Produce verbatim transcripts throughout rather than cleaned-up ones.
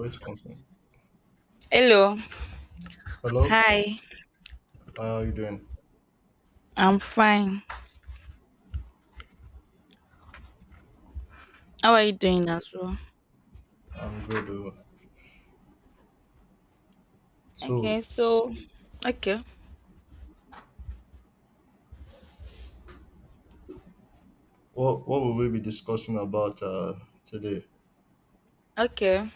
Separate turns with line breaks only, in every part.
Wait to continue.
Hello.
Hello,
Hi.
how are you doing?
I'm fine. How are you doing as well?
I'm good. uh, So,
Okay, so okay.
what what will we be discussing about uh, today?
Okay.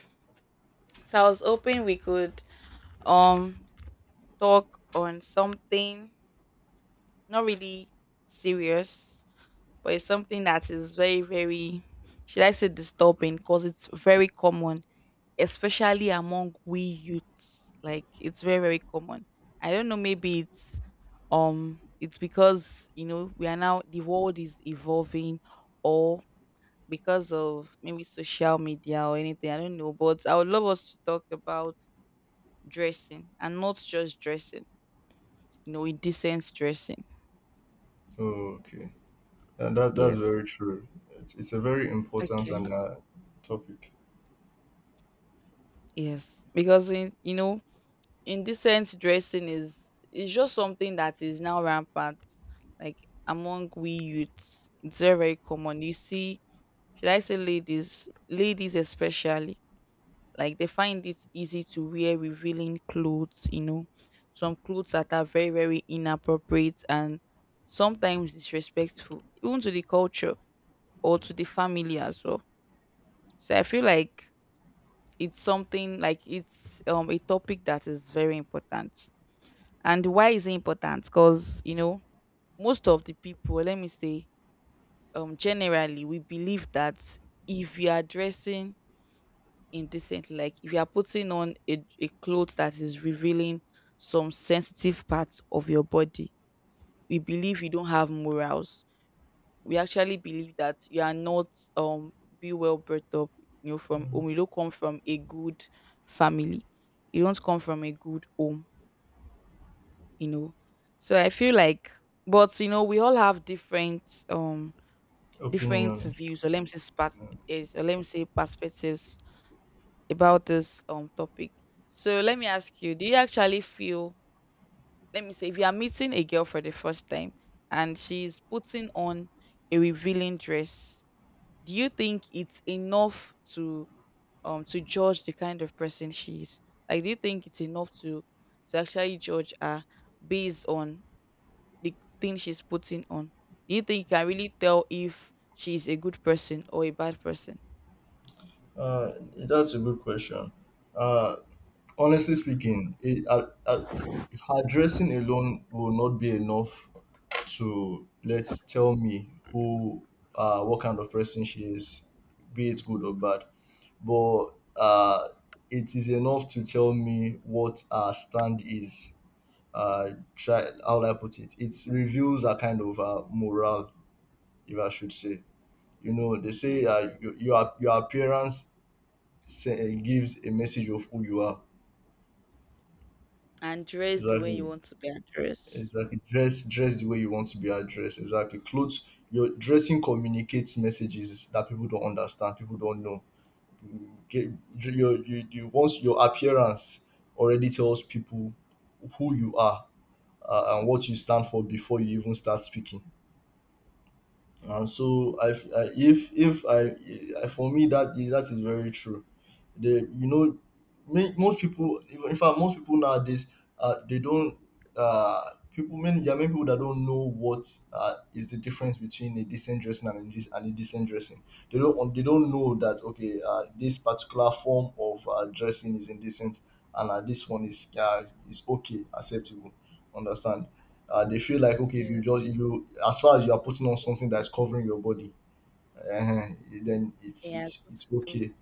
So I was hoping we could um talk on something not really serious, but it's something that is very, very, should I say, disturbing because it's very common especially among we youths. Like it's very very common. I don't know. Maybe it's um it's because you know we are now, the world is evolving, or because of maybe social media or anything. I don't know. But I would love us to talk about dressing, and not just dressing. You know, indecent dressing.
Oh, okay, and that that's
Yes.
very true. It's it's a very important
Okay.
and uh, topic.
Yes, because in, you know indecent dressing is is just something that is now rampant, like among we youths. It's very very common. You see, should I say ladies, ladies especially, like they find it easy to wear revealing clothes. You know, some clothes that are very very inappropriate and sometimes disrespectful, even to the culture or to the family as well. So I feel like it's something, like it's um a topic that is very important. And why is it important? Because you know, most of the people, let me say, um, generally we believe that if you are dressing indecently, like if you are putting on a, a clothes that is revealing some sensitive parts of your body, we believe you don't have morals. We actually believe that you are not um be well brought up, you know, from
Mm.
home. You don't come from a good family. You don't come from a good home, you know. So I feel like, but you know, we all have different um different
Opinions.
views, or let me say spat
Mm.
is, or let me say perspectives about this um topic. So let me ask you, do you actually feel, let me say if you are meeting a girl for the first time and she's putting on a revealing dress, do you think it's enough to um to judge the kind of person she is? Like do you think it's enough to to actually judge her based on the thing she's putting on? Do you think you can really tell if she's a good person or a bad person?
Uh, that's a good question. Uh, Honestly speaking, it, uh, uh, addressing alone will not be enough to let tell me who, uh, what kind of person she is, be it good or bad. But uh, It is enough to tell me what our stand is. Uh, try How will I put it. It reveals a kind of uh, morale, if I should say. You know, they say uh,
Okay.
your your your appearance say, gives a message of who you are.
And dress the way you
Exactly.
want to be addressed.
Exactly. Dress dress the way you want to be addressed. Exactly. Clothes. Your dressing communicates messages that people don't understand. People don't know. Get your you, you once your appearance already tells people who you are, uh, and what you stand for before you even start speaking. And so I, I if if I, I for me that is- that is very true. The you know ma- most people, even in fact most people nowadays, uh, they don't uh people many there are many people that don't know what, uh, is the difference between a decent dressing and a, dis- and a decent dressing. They don't un- they don't know that okay, uh, this particular form of uh, dressing is indecent, and uh, this one is uh, is okay, acceptable. Understand? Uh, they feel like okay, if
Yeah.
you just if you, as far as you are putting on something that's covering your body, uh, then it's
Yeah.
it's
Good
it's okay.
skills.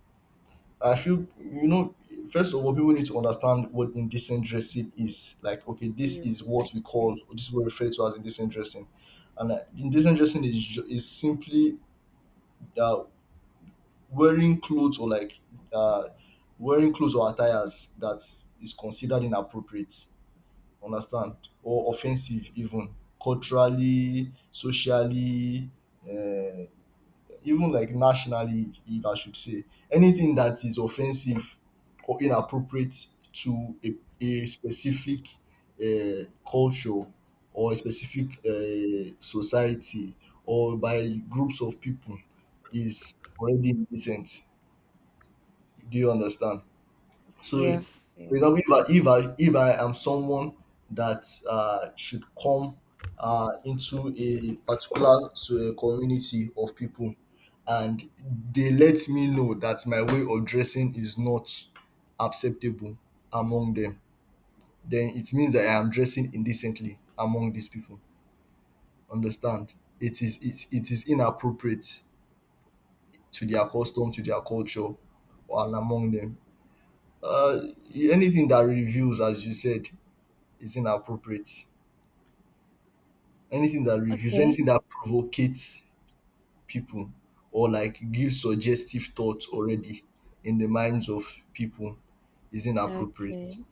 I feel, you know, first of all people need to understand what indecent dressing is. Like okay, this is
Is okay.
what we call this is what we refer to as indecent dressing. And uh, indecent dressing is ju- is simply, uh, wearing clothes, or like uh, wearing clothes or attires that is considered inappropriate. Understand? Or offensive, even culturally, socially, uh, even like nationally if I should say. Anything that is offensive or inappropriate to a, a specific uh, culture, or a specific uh, society, or by groups of people, is already indecent. Do you understand? So,
Yes,
for example, if I
yes.
if I if I am someone that uh, should come uh, into a particular so a community of people, and they let me know that my way of dressing is not acceptable among them, then it means that I am dressing indecently among these people. Understand? It is it, it is inappropriate to their custom, to their culture, and among them. Uh, Anything that reveals, as you said, is inappropriate. Anything that reveals,
Okay,
anything that provocates people, or like gives suggestive thoughts already in the minds of people, is inappropriate.
okay.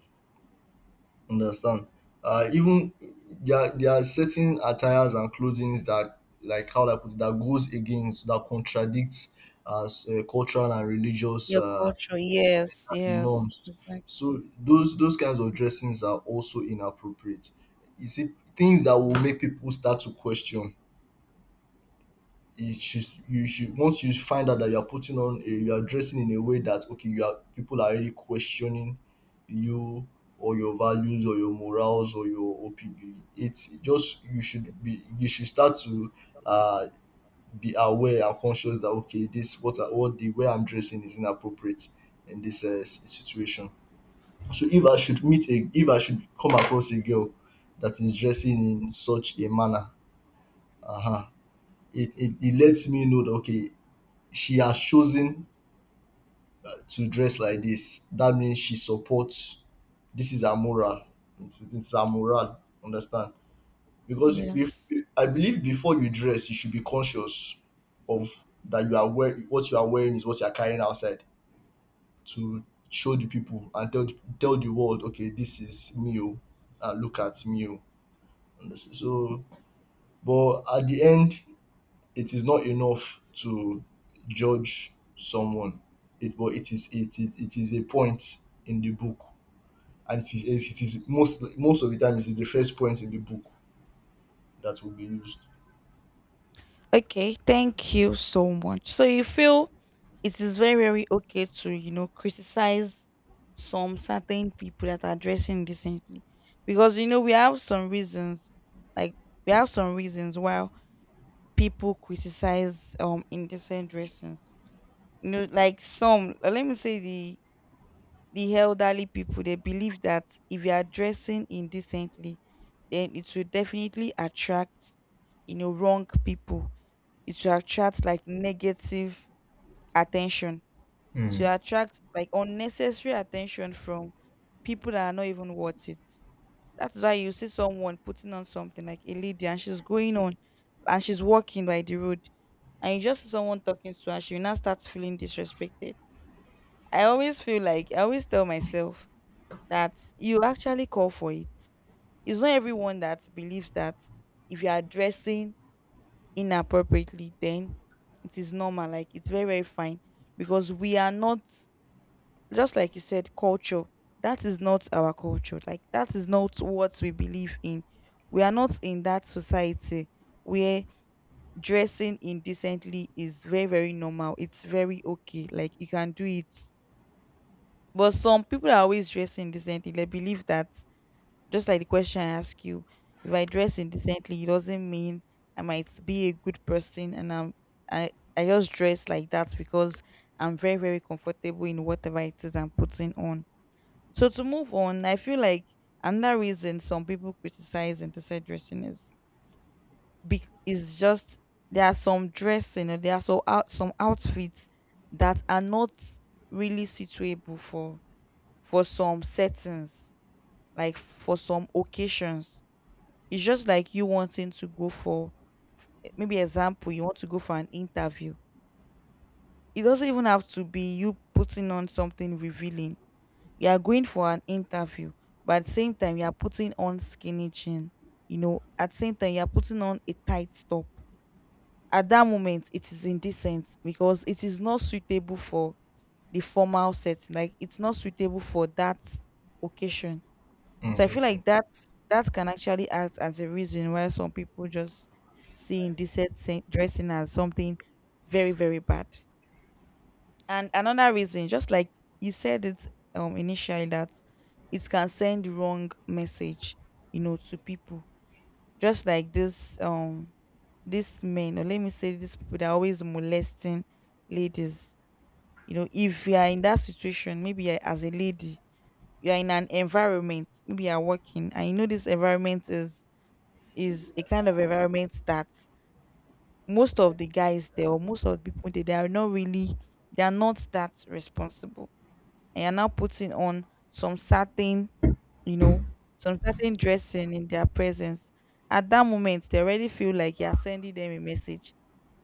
Understand? Uh, even there, are- there are certain attires and clothings that, like how do I put it, that goes against, that contradicts uh, s- uh, cultural and religious
Your
uh,
culture. Yes.
exactly,
Yes.
norms.
Exactly.
So those those kinds of dressings are also inappropriate. You see, things that will make people start to question. You should you should Once you find out that you are putting on a, you are dressing in a way that okay, you are people are really questioning you, or your values or your morals or your O P B. It's just you should be, you should start to uh be aware and conscious that okay, this what I, what the way I'm dressing is inappropriate in this uh, s- situation. So if I should meet a if I should come across a girl that is dressing in such a manner, uh-huh, it, it it lets me know that okay, she has chosen to dress like this. That means she supports, this is her moral. It's, it's her moral. Understand? Because if,
Yes.
I believe before you dress, you should be conscious of, that you are wearing what you are wearing is what you are carrying outside to show the people, and tell tell the world, okay, this is me, oh, and look at me, oh. So, but at the end, it is not enough to judge someone. It but it is it it It is a point in the book, and it is it is most most of the time it is the first point in the book that will be used.
Okay, thank you so much. So you feel it is very very okay to, you know criticize some certain people that are dressing decently, because you know we have some reasons, like we have some reasons why people criticize um indecent dressings, you know, like some uh, let me say, the the elderly people, they believe that if you are dressing indecently, then it will definitely attract, you know wrong people. It will attract like negative attention, to attract like unnecessary attention from people that are not even worth it. That's why you see someone putting on something, like a lady, and she's going on and she's walking by the road and you just see someone talking to her, she now starts feeling disrespected. I always feel like I always tell myself that you actually call for it. It's not everyone that believes that if you are dressing inappropriately, then it is normal. Like it's very, very fine, because we are not, just like you said, culture. That is not our culture. Like that is not what we believe in. We are not in that society where dressing indecently is very, very normal. It's very okay. Like you can do it. But some people are always dressing indecently. They believe that, just like the question I ask you, if I dress indecently, it doesn't mean I might be a good person, and I'm I, I just dress like that because I'm very, very comfortable in whatever it is I'm putting on. So to move on, I feel like another reason some people criticize intersex dressing is be- is just there are some dressing, or there are so out some outfits that are not really suitable for for some settings, like for some occasions. It's just like you wanting to go for, maybe example, you want to go for an interview. It doesn't even have to be you putting on something revealing. You are going for an interview, but at the same time you are putting on skinny jean, you know, at the same time you are putting on a tight top. At that moment it is indecent, because it is not suitable for the formal setting, like it's not suitable for that occasion.
Mm,
So I feel
exactly.
like that that can actually act as a reason why some people just see indecent se- dressing as something very very bad. And another reason, just like you said it, um initially, that it can send wrong message, you know, to people. Just like this um this men, or let me say these people that are always molesting ladies. You know, if you are in that situation, maybe you're- as a lady, you are in an environment, maybe you are working, and you know this environment is is a kind of environment that most of the guys there, or most of the people there, they are not really they are not that responsible, and you're now putting on some certain, you know, some certain dressing in their presence. At that moment, they already feel like you're sending them a message,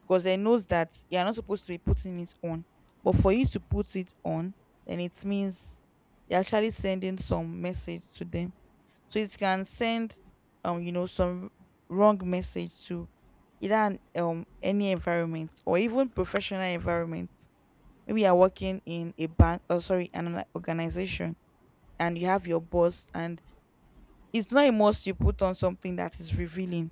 because they knows that you're not supposed to be putting it on. But for you to put it on, then it means you're actually sending some message to them. So it can send, um, you know, some wrong message, to either an, um any environment, or even professional environment, maybe you're working in a bank, or sorry, an organization, and you have your boss, and it's not a must you put on something that is revealing,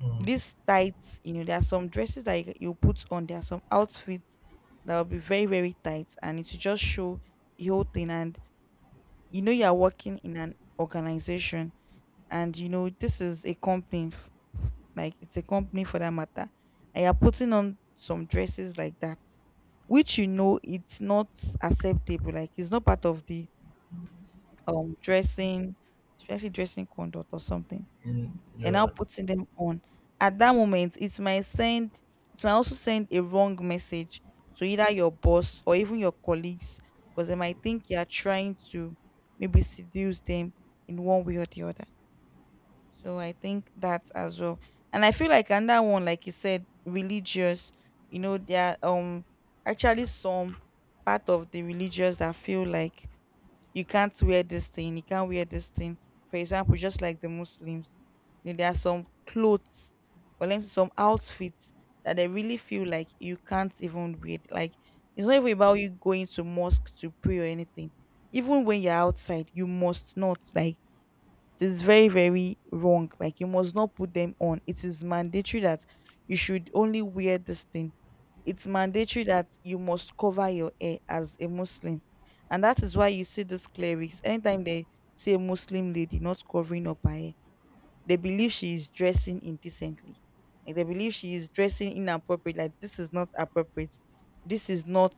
Mm,
these tights, you know there are some dresses that you, you put on, there are some outfits that will be very very tight, and it will just show the whole thing, and you know you are working in an organization, and you know this is a company, like it's a company for that matter, and you're putting on some dresses like that, which you know it's not acceptable, like it's not part of the um dressing, dressing dressing conduct or something.
mm,
You're now
yeah.
putting them on. At that moment, it might send it might also send a wrong message to either your boss or even your colleagues, because they might think you're trying to maybe seduce them in one way or the other. So I think that as well. And I feel like another one, like you said, religious, you know, there are um actually some part of the religious that feel like you can't wear this thing, you can't wear this thing. For example, just like the Muslims, you know, there are some clothes, or let me say some outfits, that they really feel like you can't even wear. Like it's not even about you going to mosque to pray or anything. Even when you're outside, you must not, like, it is very very wrong, like you must not put them on. It is mandatory that you should only wear this thing. It's mandatory that you must cover your hair as a Muslim. And that is why you see these clerics, anytime they see a Muslim lady not covering up her hair, they believe she is dressing indecently, like they believe she is dressing inappropriate, like this is not appropriate, this is not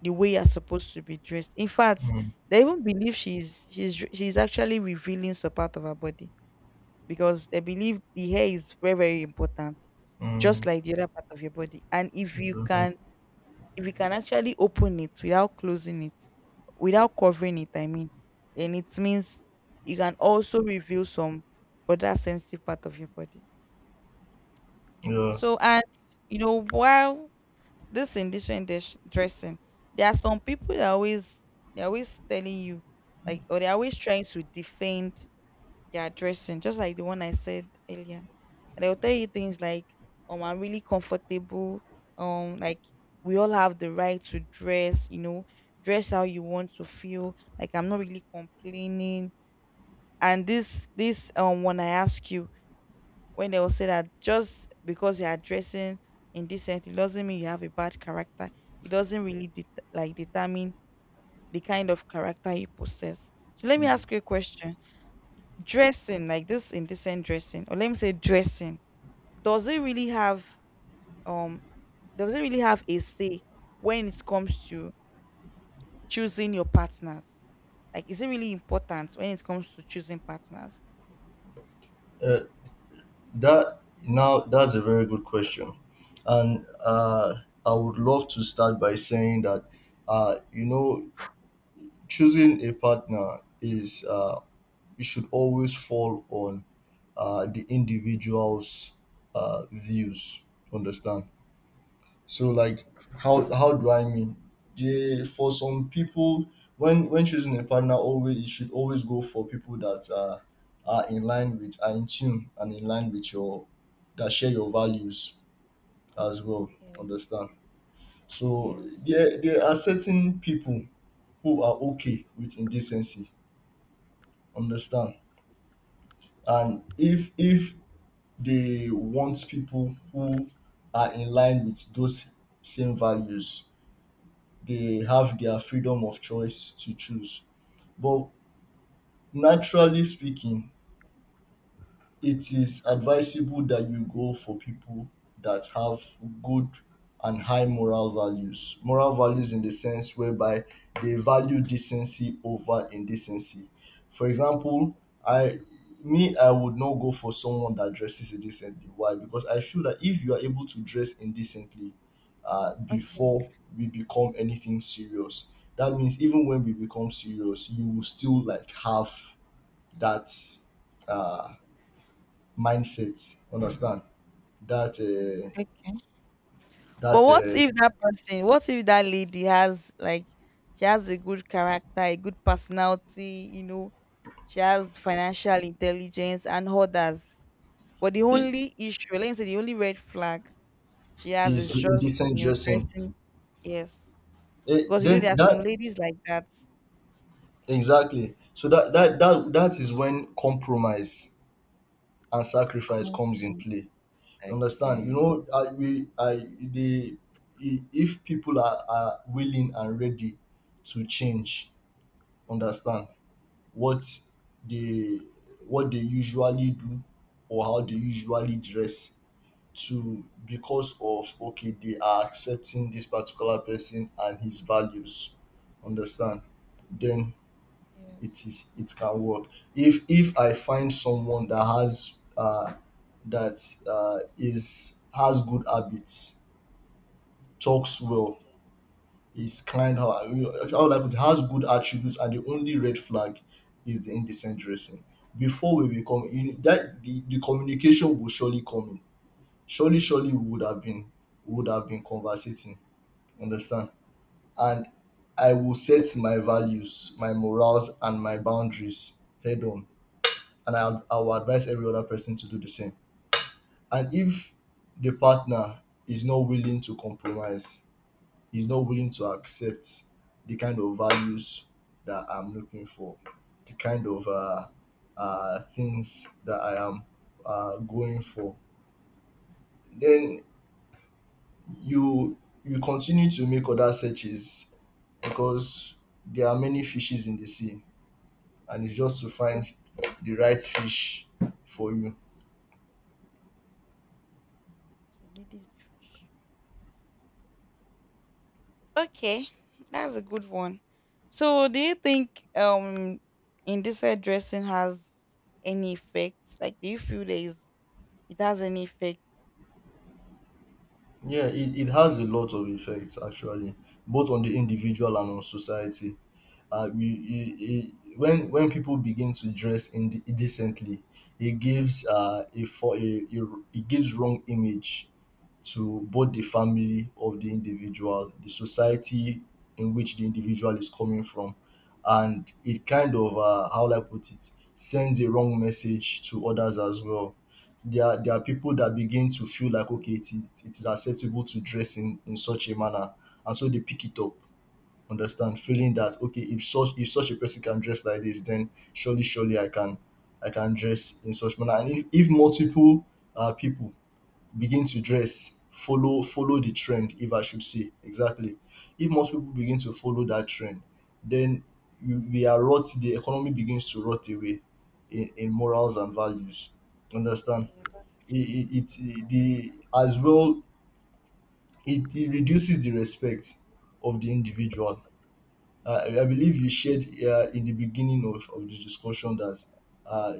the way you're supposed to be dressed. In fact,
Mm,
they even believe she is she's she's actually revealing some part of her body, because they believe the hair is very very important,
mm,
just like the other part of your body. And if you
exactly.
can if you can actually open it without closing it, without covering it, I mean, then it means you can also reveal some other sensitive part of your body.
Yeah.
So, and you know, while this indecent dress- dressing, there are some people that always they're always telling you, like, or they're always trying to defend their dressing, just like the one I said earlier. They'll tell you things like, um, I'm really comfortable. Um, like we all have the right to dress, you know, dress how you want to feel. Like I'm not really complaining. And this this um when I ask you, when they will say that just because you are dressing indecent, it doesn't mean you have a bad character. It doesn't really det- like determine the kind of character you possess. So let me
Mm.
ask you a question. Dressing, like this indecent dressing, or let me say dressing, does it really have um doesn't really have a say when it comes to choosing your partners. Like, is it really important when it comes to choosing partners?
Uh, that Now that's a very good question, and uh, I would love to start by saying that, uh, you know, choosing a partner is, uh, it should always fall on uh, the individual's uh, views. Understand? So like how, how do I mean, they for some people, when when choosing a partner, always you should always go for people that uh, are in line with, are in tune and in line with your, that share your values as well.
Yes.
Understand? So
Yes.
there there are certain people who are okay with indecency. Understand? And if if they want people who are in line with those same values, they have their freedom of choice to choose. But naturally speaking, it is advisable that you go for people that have good and high moral values. Moral values in the sense whereby they value decency over indecency. For example, I me I would not go for someone that dresses indecently. Why? Because I feel that if you are able to dress indecently uh,
Okay.
before we become anything serious, that means even when we become serious, you will still like have that uh mindset. Understand? That uh,
Okay. But
that
what
uh,
if that person, what if that lady has like she has a good character, a good personality, you know, she has financial intelligence and others. But the
It
only issue, let me say the only red flag she has
is
is
the
just,
indecent
you know,
dressing.
dressing yes.
It,
Because you know there
then
are some
that
ladies like that.
exactly. So that that that that is when compromise and sacrifice comes in
Constant.
play. Understand? You
Okay.
know, I, we I the I- if people are, are willing and ready to change, understand, what they, what they usually do, or how they usually dress, to because of okay they are accepting this particular person and his values. Understand? Then
Yes.
it is, it can work. If if I find someone that has uh that uh is, has good habits, talks well, is kind, how I, how would I put it, has good attributes, and the only red flag is the indecent dressing, before we become in that, the, the communication will surely come in. Surely surely we would have been, we would have been conversating. Understand? And I will set my values, my morals, and my boundaries head on. And I, I will advise every other person to do the same. And if the partner is not willing to compromise, is not willing to accept the kind of values that I'm looking for, the kind of uh, uh, things that I am uh, going for, then you you continue to make other searches, because there are many fishes in the sea, and it's just to
Okay.
find the right fish for you.
So lady is the fish. Okay, that's a good one. So do you think um indecent dressing has any effect? Like do you feel there is it has any effect?
Yeah, it, it has a lot of effects actually, both on the individual and on society. Uh, we, it, it, when when people begin to dress inde- indecently, it gives uh, a, for a, a it gives wrong image to both the family of the individual, the society in which the individual is coming from, and it kind of uh, how will I put it, sends a wrong message to others as well. There are, there are people that begin to feel like okay, it is, it is acceptable to dress in, in such a manner, and so they pick it up. Understand, feeling that okay, if such if such a person can dress like this, then surely surely I can, I can dress in such manner. And if, if multiple uh, people begin to dress, follow follow the trend if I should say, exactly. If most people begin to follow that trend, then you, we are rot the economy begins to rot away in, in morals and values. Understand? it, it, it the as well it, it reduces the respect of the individual. uh, I I believe you shared uh, in the beginning of, of the discussion that uh,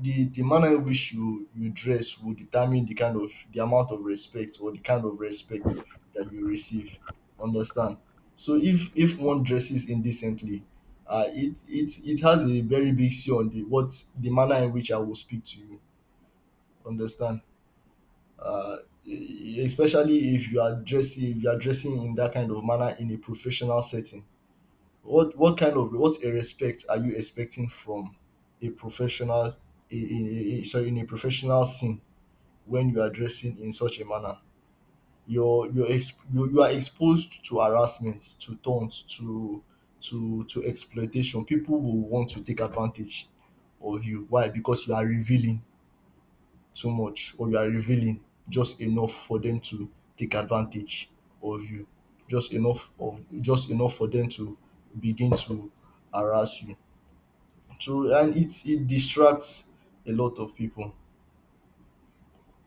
the the manner in which you you dress will determine the kind of the amount of respect, or the kind of respect that you receive. Understand? So if if one dresses indecently, uh, it it it has a very big say on the what the manner in which I will speak to you. Understand? Uh, e- especially if you are dressing if you are dressing in that kind of manner in a professional setting, what what kind of what a respect are you expecting from a professional in, in, in sorry in a professional scene, when you are dressing in such a manner? You're you're exp- you, you are exposed to harassment, to taunts, to to to exploitation. People will want to take advantage of you. Why? Because you are revealing too much, or you are revealing just enough for them to take advantage of you, just enough of just enough for them to begin to harass you. So, and it it distracts a lot of people.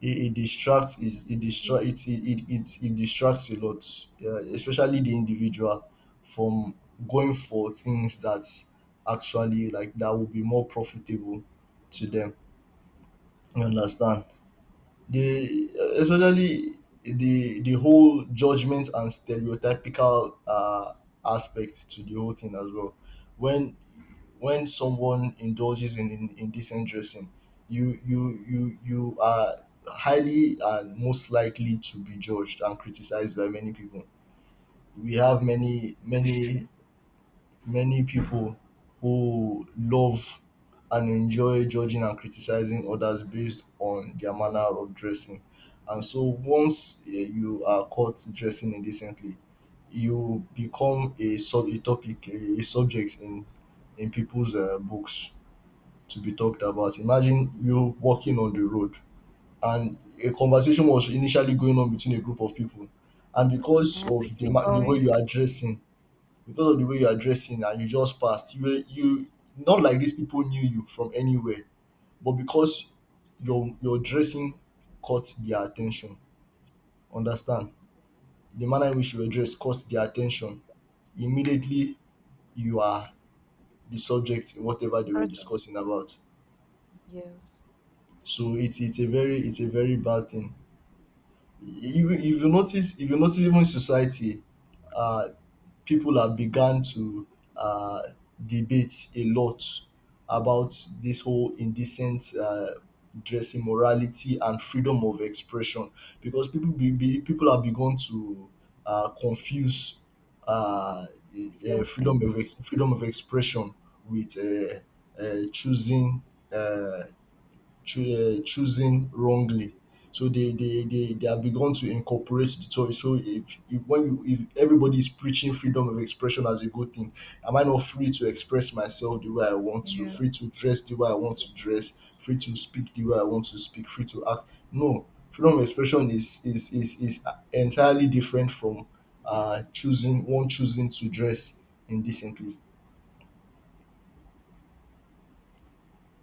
it, it distracts it, it
Yes.
distracts it it, it it it distracts a lot. Yeah, especially the individual from going for things that actually, like, that will be more profitable to them, you understand? The uh, Especially the the whole judgment and stereotypical uh, aspect to the whole thing as well. When when someone indulges in, in indecent dressing, you you you you are highly and most likely to be judged and criticized by many people. We have many
Okay.
many many people who love and enjoy judging and criticizing others based on their manner of dressing. And so, once eh, you are caught dressing indecently, you become a sub a topic, a, a subject in in people's uh, books to be talked about. Imagine you walking on the road, and a conversation was initially going on between a group of people, and because
And
of the
talking
ma- the
about
way you
it,
are dressing, because of the way you are dressing and you just passed, you were you, not like these people knew you from anywhere, but because your your dressing caught their attention. Understand? The manner in which you were dressed caught their attention. Immediately, you are the subject in whatever they
sort
were
of
discussing about.
yes,
So it's it's a very, it's a very bad thing. If, if you notice, if you notice even society, uh people have begun to uh, debate a lot about this whole indecent uh, dressing, morality and freedom of expression, because people be, be, people have begun to uh, confuse uh, e-
the
eh,
whole
freedom
thing.
of ex- freedom of expression with uh, uh, choosing uh, choo- uh, choosing wrongly. So, they, they they they have begun to incorporate the choice. So if, if when you, if everybody is preaching freedom of expression as a good thing, am I not free to express myself the way I want to,
Yes.
free to dress the way I want to dress, free to speak the way I want to speak, free to act? No, freedom of expression is is is is entirely different from uh choosing one, choosing to dress indecently,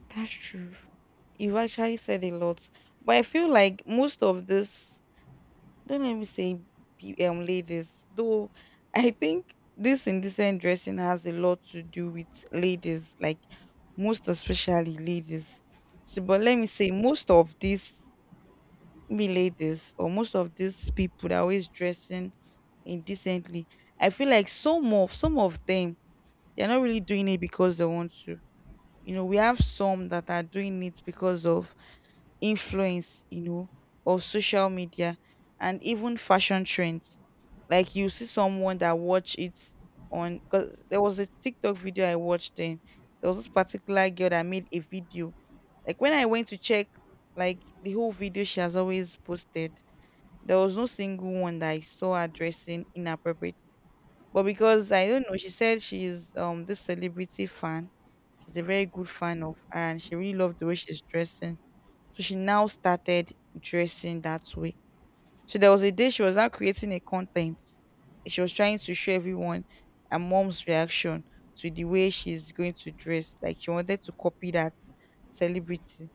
That's true. You actually said a lot. But I feel like most of this, don't let me say pe- um ladies though, I think this indecent dressing has a lot to do with ladies, like most especially ladies. So but let me say most of these me ladies or most of these people that are always dressing indecently, I feel like some of some of them, they're not really doing it because they want to. You know, we have some that are doing it because of influence, you know, of social media and even fashion trends. Like you see someone that watch it on, because there was a TikTok video I watched then, there was this particular girl that made a video. Like when I went to check, like the whole video she has always posted, there was no single one that I saw her dressing inappropriately. But because I don't know, she said she's um this celebrity fan, she's a very good fan of her and she really loved the way she's dressing, so she now started dressing that way. So there was a day she was now creating a content. She was trying to show everyone her mom's reaction to the way she's going to dress. Like she wanted to copy that celebrity.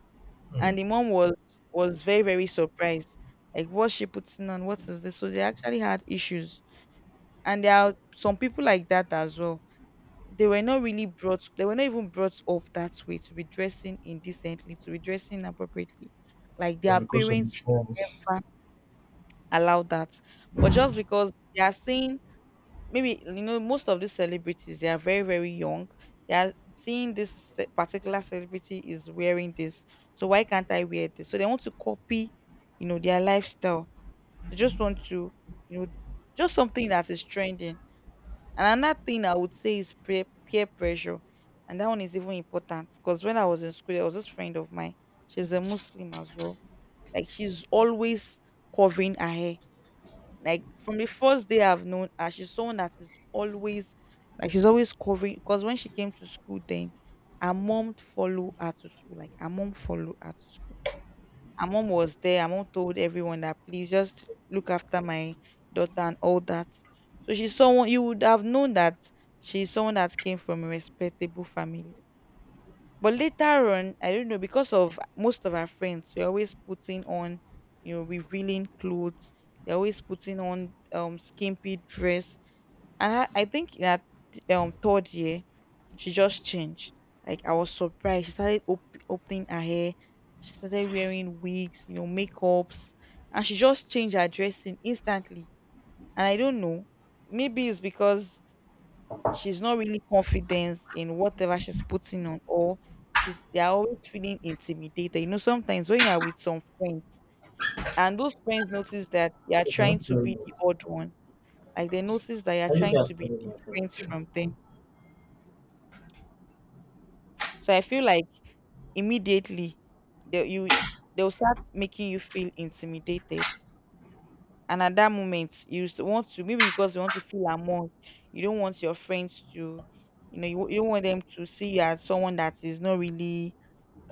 And the mom was was very, very surprised. Like what's she putting on? What is this? So they actually had issues. And there are some people like that as well. They were not really brought, they were not even brought up that way to be dressing indecently, to be dressing inappropriately like
but
their
because of the
parents,
trends.
fine, allow that. But just because they are seeing, maybe you know most of these celebrities they are very, very young. They are seeing this ce- particular celebrity is wearing this, so why can't I wear this? So they want to copy, you know, their lifestyle. They just want to, you know, just something that is trending. And another thing I would say is peer, peer pressure. And that one is even important because when I was in school, there was this friend of mine. She's a Muslim as well. Like she's always covering her hair. Like from the first day I've known her, she's someone that is always, like she's always covering, because when she came to school then her mom followed her to school. Like her mom followed her to school. Her mom was there. Her mom told everyone that please just look after my daughter and all that. So she's someone you would have known that she's someone that came from a respectable family. But later on, I don't know, because of most of our friends, we're always putting on, you know, revealing clothes. They're always putting on um skimpy dress. And I, I think that um third year, she just changed. Like I was surprised. She started op- opening her hair. She started wearing wigs, you know, makeups. And she just changed her dressing instantly. And I don't know. Maybe it's because she's not really confident in whatever she's putting on, or she's, they're always feeling intimidated. You know, sometimes when you are with some friends and those friends notice that you are
Okay,
trying to
very
be the
well.
odd one, like they notice that you are
I use
trying to
that
be
very well for
different
me.
from them. So I feel like immediately they you they'll start making you feel intimidated. And at that moment, you s- want to, maybe because you want to feel among, you don't want your friends to, you know, you, you don't want them to see you as someone that is not really,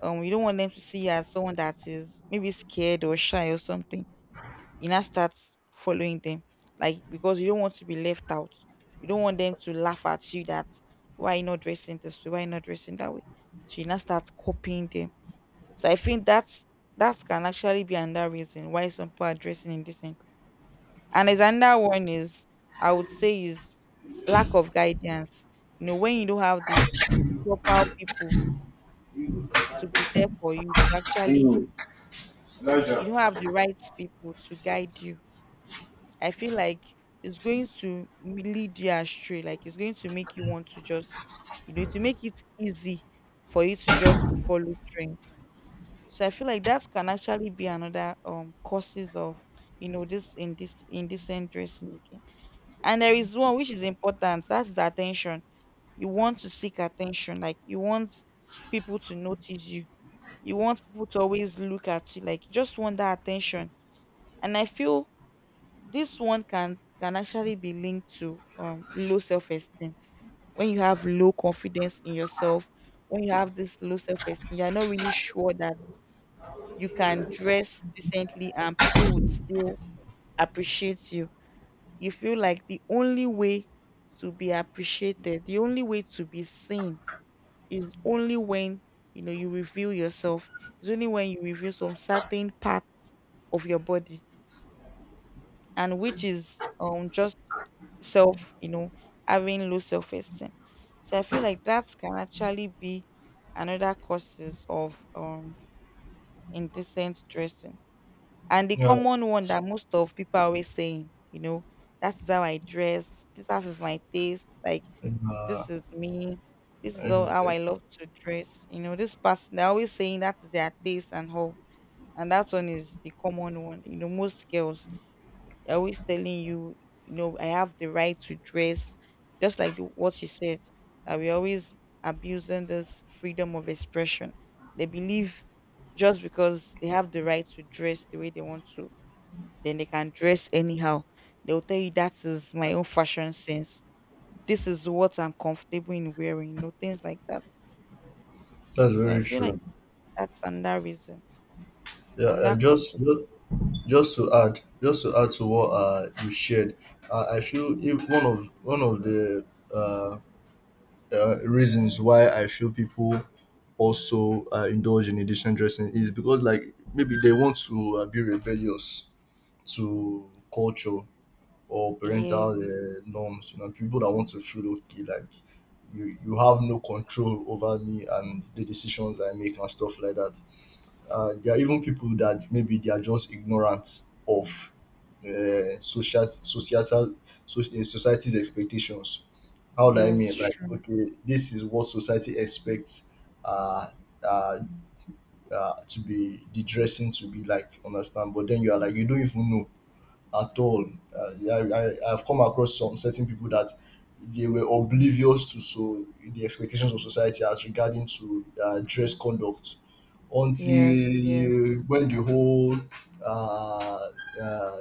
um you don't want them to see you as someone that is maybe scared or shy or something. You now start following them, like because you don't want to be left out, you don't want them to laugh at you, that why you not dressing this way, why you not dressing that way. So you now start copying them. So I think that's, that can actually be another reason why some people are dressing indecently. And as another one is, I would say is lack of guidance. You know, when you don't have the proper people to be there for you, to actually,
Elijah.
you don't have the right people to guide you. I feel like it's going to m- lead you astray. Like it's going to make you want to just, you know, to make it easy for you to just follow trend. So I feel like that can actually be another um causes of, you know, this in this indecent dressing again. And there is one which is important. That is attention. You want to seek attention. Like you want people to notice you. You want people to always look at you. Like you just want that attention. And I feel this one can can actually be linked to um low self-esteem. When you have low confidence in yourself, when you have this low self-esteem, you're not really sure that you can dress decently and people would still appreciate you. You feel like the only way to be appreciated, the only way to be seen is only when, you know, you reveal yourself. It's only when you reveal some certain parts of your body. And which is um just self, you know, having low self-esteem. So I feel like that can actually be another causes of um indecent dressing. And the
Yeah,
common one that most of people are always saying, you know, that is how I dress this, that is my taste, like
and, uh,
this is me, this is all
and
how
uh,
I love to dress, you know, this person, they're always saying that is their taste and how. And that one is the common one. You know, most girls, they're always telling you, you know, I have the right to dress, just like the, what you said, that we're always abusing this freedom of expression. They believe just because they have the right to dress the way they want to, then they can dress anyhow. They'll tell you that is my own fashion sense. This is what I'm comfortable in wearing, you know, things like that.
that's
So I
very
feel like
true.
that's another reason,
Yeah, uh,
another cause
just
of it.
ju- just to add, just to add to what uh, you shared, uh, I feel, if one of one of the uh, uh, reasons why I feel people also uh, indulge in Egyptian dressing is because, like, maybe they want to uh, be rebellious to culture or
Yeah,
parental uh, norms. You know, people that want to feel okay, like, you you have no control over me and the decisions I make and stuff like that. Uh, there are even people that maybe they are just ignorant of uh, social societal, so, uh, society's expectations. How do I
yes,
mean? Like,
true.
okay, this is what society expects. Uh, uh, uh, to be the dressing to be like, understand, but then you are like, you don't even know at all. Uh, I, I, I've come across some certain people that they were oblivious to, so the expectations of society as regarding to uh, dress conduct, until
Yes, yes,
uh, when the whole uh, uh,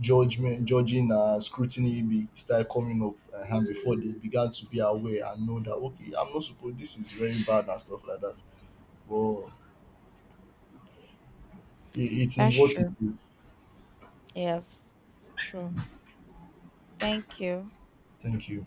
judgment, judging, uh, scrutiny be, started coming up, uh, and before they began to be aware and know that, okay, I'm not supposed. This is very bad and stuff like that. Well, it, it is
that's
what it
true.
is.
Yes, sure. Thank you.
Thank you.